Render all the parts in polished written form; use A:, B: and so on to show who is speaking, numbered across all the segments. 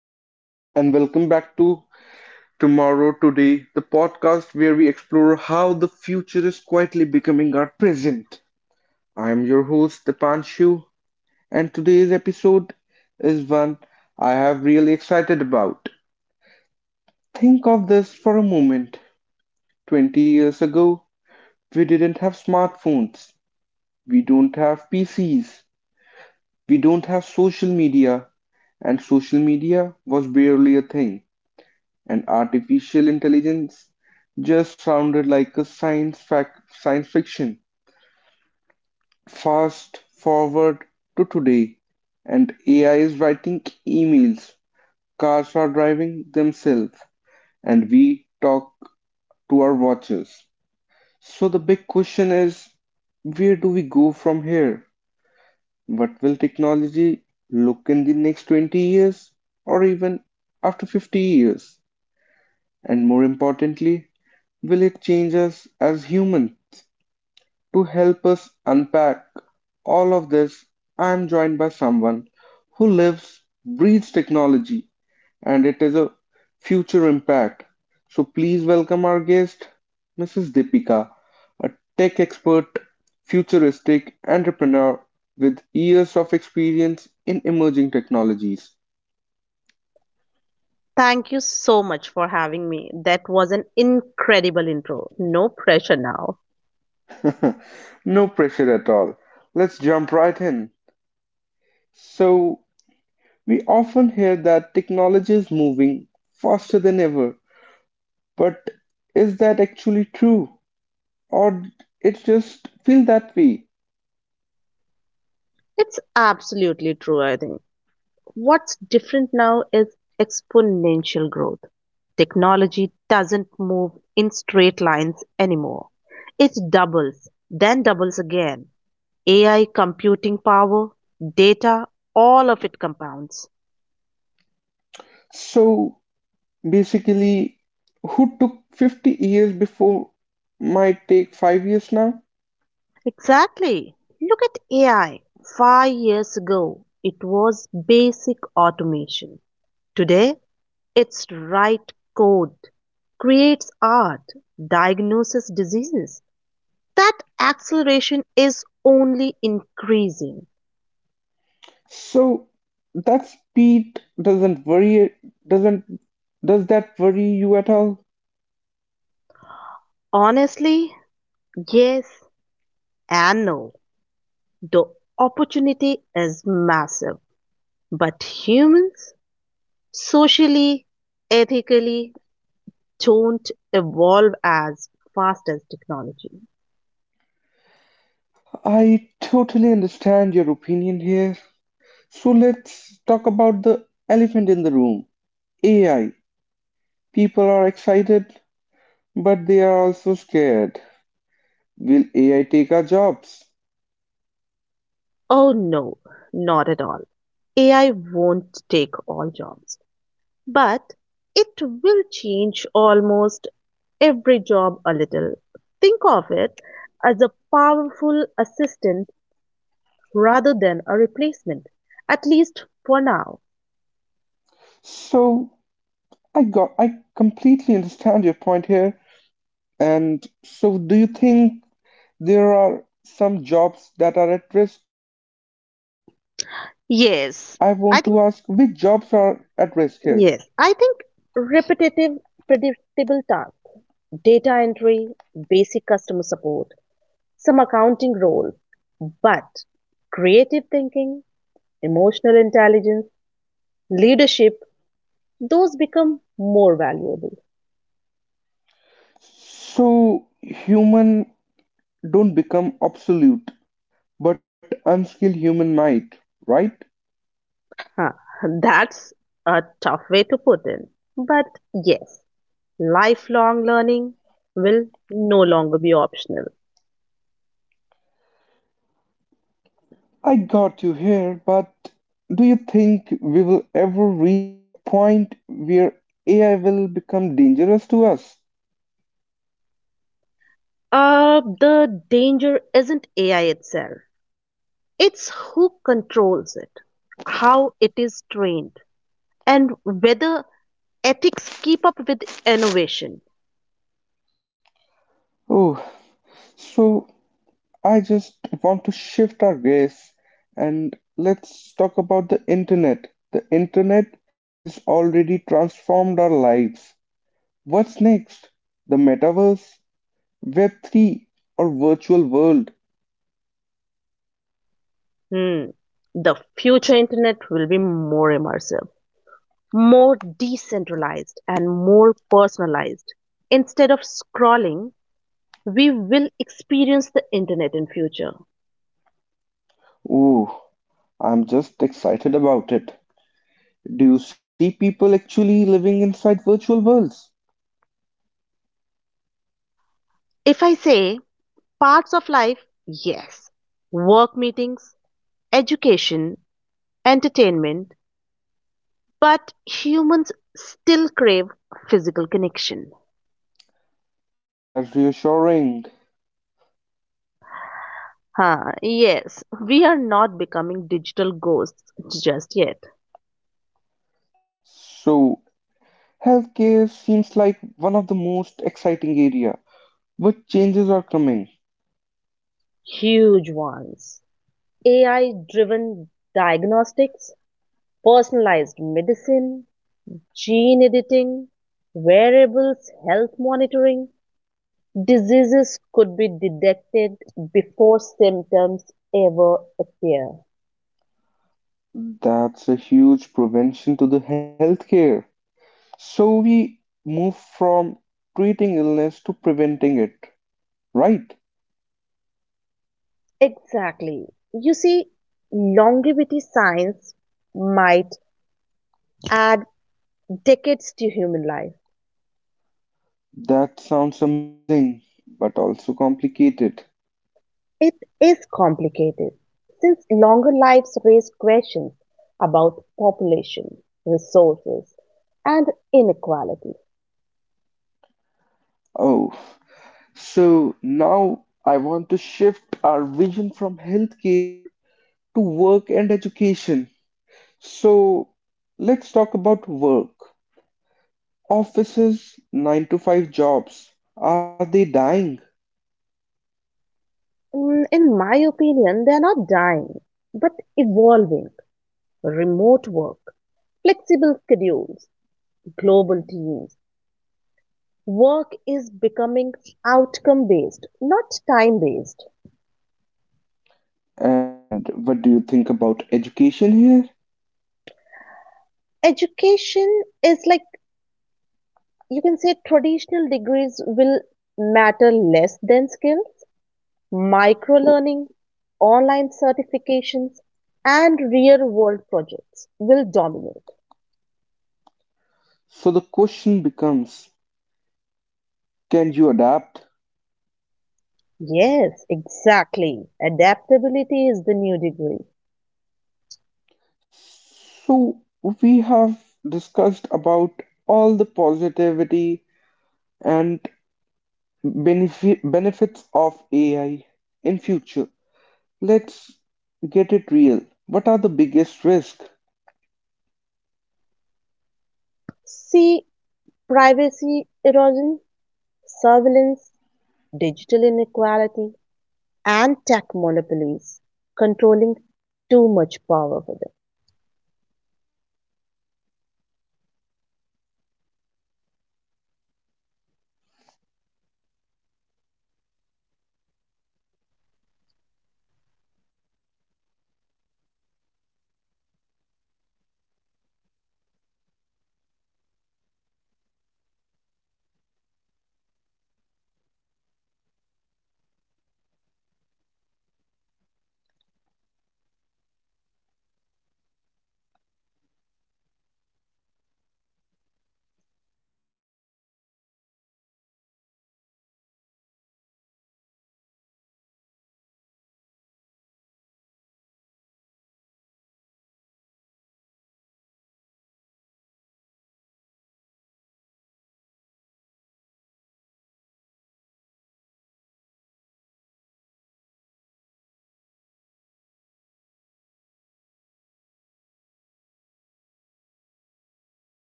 A: Hello and welcome back to Tomorrow Today, the podcast where we explore how the future is quietly becoming our present. I am your host, Dipan Shu, and today's episode is one I have really excited about. Think of this for a moment. 20 years ago, we didn't have smartphones, we don't have PCs, we don't have social media, and social media was barely a thing. And artificial intelligence just sounded like a science fiction. Fast forward to today, and AI is writing emails, cars are driving themselves, and we talk to our watches. So the big question is, where do we go from here? What will technology look in the next 20 years or even after 50 years? And more importantly, will it change us as humans? To help us unpack all of this, I am joined by someone who lives, breathes technology, and it is a future impact. So please welcome our guest, Mrs. Deepika, a tech expert, futuristic entrepreneur with years of experience in emerging technologies.
B: Thank you so much for having me. That was an incredible intro. No pressure now.
A: No pressure at all. Let's jump right in. So, we often hear that technology is moving faster than ever, but is that actually true? Or it just feel that way?
B: It's absolutely true, I think. What's different now is exponential growth. Technology doesn't move in straight lines anymore. It doubles, then doubles again. AI computing power, data, all of it compounds.
A: So basically, who took 50 years before might take 5 years now?
B: Exactly. Look at AI. 5 years ago, it was basic automation. Today, it's write code, creates art, diagnoses diseases. That acceleration is only increasing.
A: So that speed doesn't worry, doesn't, does that worry you at all?
B: Honestly, yes and no. The opportunity is massive, but humans socially, ethically don't evolve as fast as technology.
A: I totally understand your opinion here. So let's talk about the elephant in the room, AI. People are excited, but they are also scared. Will AI take our jobs?
B: Oh no, not at all. AI won't take all jobs. But it will change almost every job a little. Think of it as a powerful assistant rather than a replacement, at least for now.
A: So I completely understand your point here. And so do you think there are some jobs that are at risk? Like I want to ask, which jobs
B: Yes,
A: are
B: I think
A: at risk here?
B: Yes, I think repetitive, predictable tasks, data entry, basic customer support, some accounting roles, but creative thinking, emotional intelligence, leadership, those become more valuable.
A: So human don't become obsolete, but unskilled human might, right?
B: Huh, that's a tough way to put in. But yes, lifelong learning will no longer be optional.
A: I got you here, but do you think we will ever reach a point where AI will become dangerous to us?
B: The danger isn't AI itself, it's who controls it, how it is trained, and whether ethics keep up with innovation.
A: Oh, so I just want to shift our gaze and let's talk about the internet. The internet has already transformed our lives. What's next? The metaverse, Web3, or virtual world?
B: Hmm. The future internet will be more immersive, more decentralized, and more personalized. Instead of scrolling, we will experience the internet in future.
A: Oh, I'm just excited about it. Do you see people actually living inside virtual worlds?
B: If I say parts of life, yes, work meetings, education, entertainment, but humans still crave physical connection.
A: That's reassuring.
B: Huh, yes, we are not becoming digital ghosts just yet.
A: So, healthcare seems like one of the most exciting area. What changes are coming?
B: Huge ones. AI driven diagnostics, personalized medicine, gene editing, wearables, health monitoring, diseases could be detected before symptoms ever appear.
A: That's a huge prevention to the healthcare. So we move from treating illness to preventing it, right?
B: Exactly. You see, longevity science might add decades to human life.
A: That sounds amazing, but also complicated.
B: It is complicated since longer lives raise questions about population, resources, and inequality.
A: Oh, so now I want to shift our vision from healthcare to work and education. So let's talk about work. Offices, 9 to 5 jobs, are they dying?
B: Mm, in my opinion, they are not dying, but evolving. Remote work, flexible schedules, global teams. Work is becoming outcome based, not time based.
A: And what do you think about education here?
B: Education is like you can say traditional degrees will matter less than skills, micro learning, online certifications, and real world projects will dominate.
A: So the question becomes, can you adapt?
B: Yes, exactly. Adaptability is the new degree.
A: So we have discussed about all the positivity and benefits of AI in future. Let's get it real. What are the biggest risks?
B: See privacy erosion, surveillance, digital inequality, and tech monopolies controlling too much power for them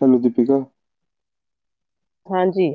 A: La ludopatía
B: हाँ जी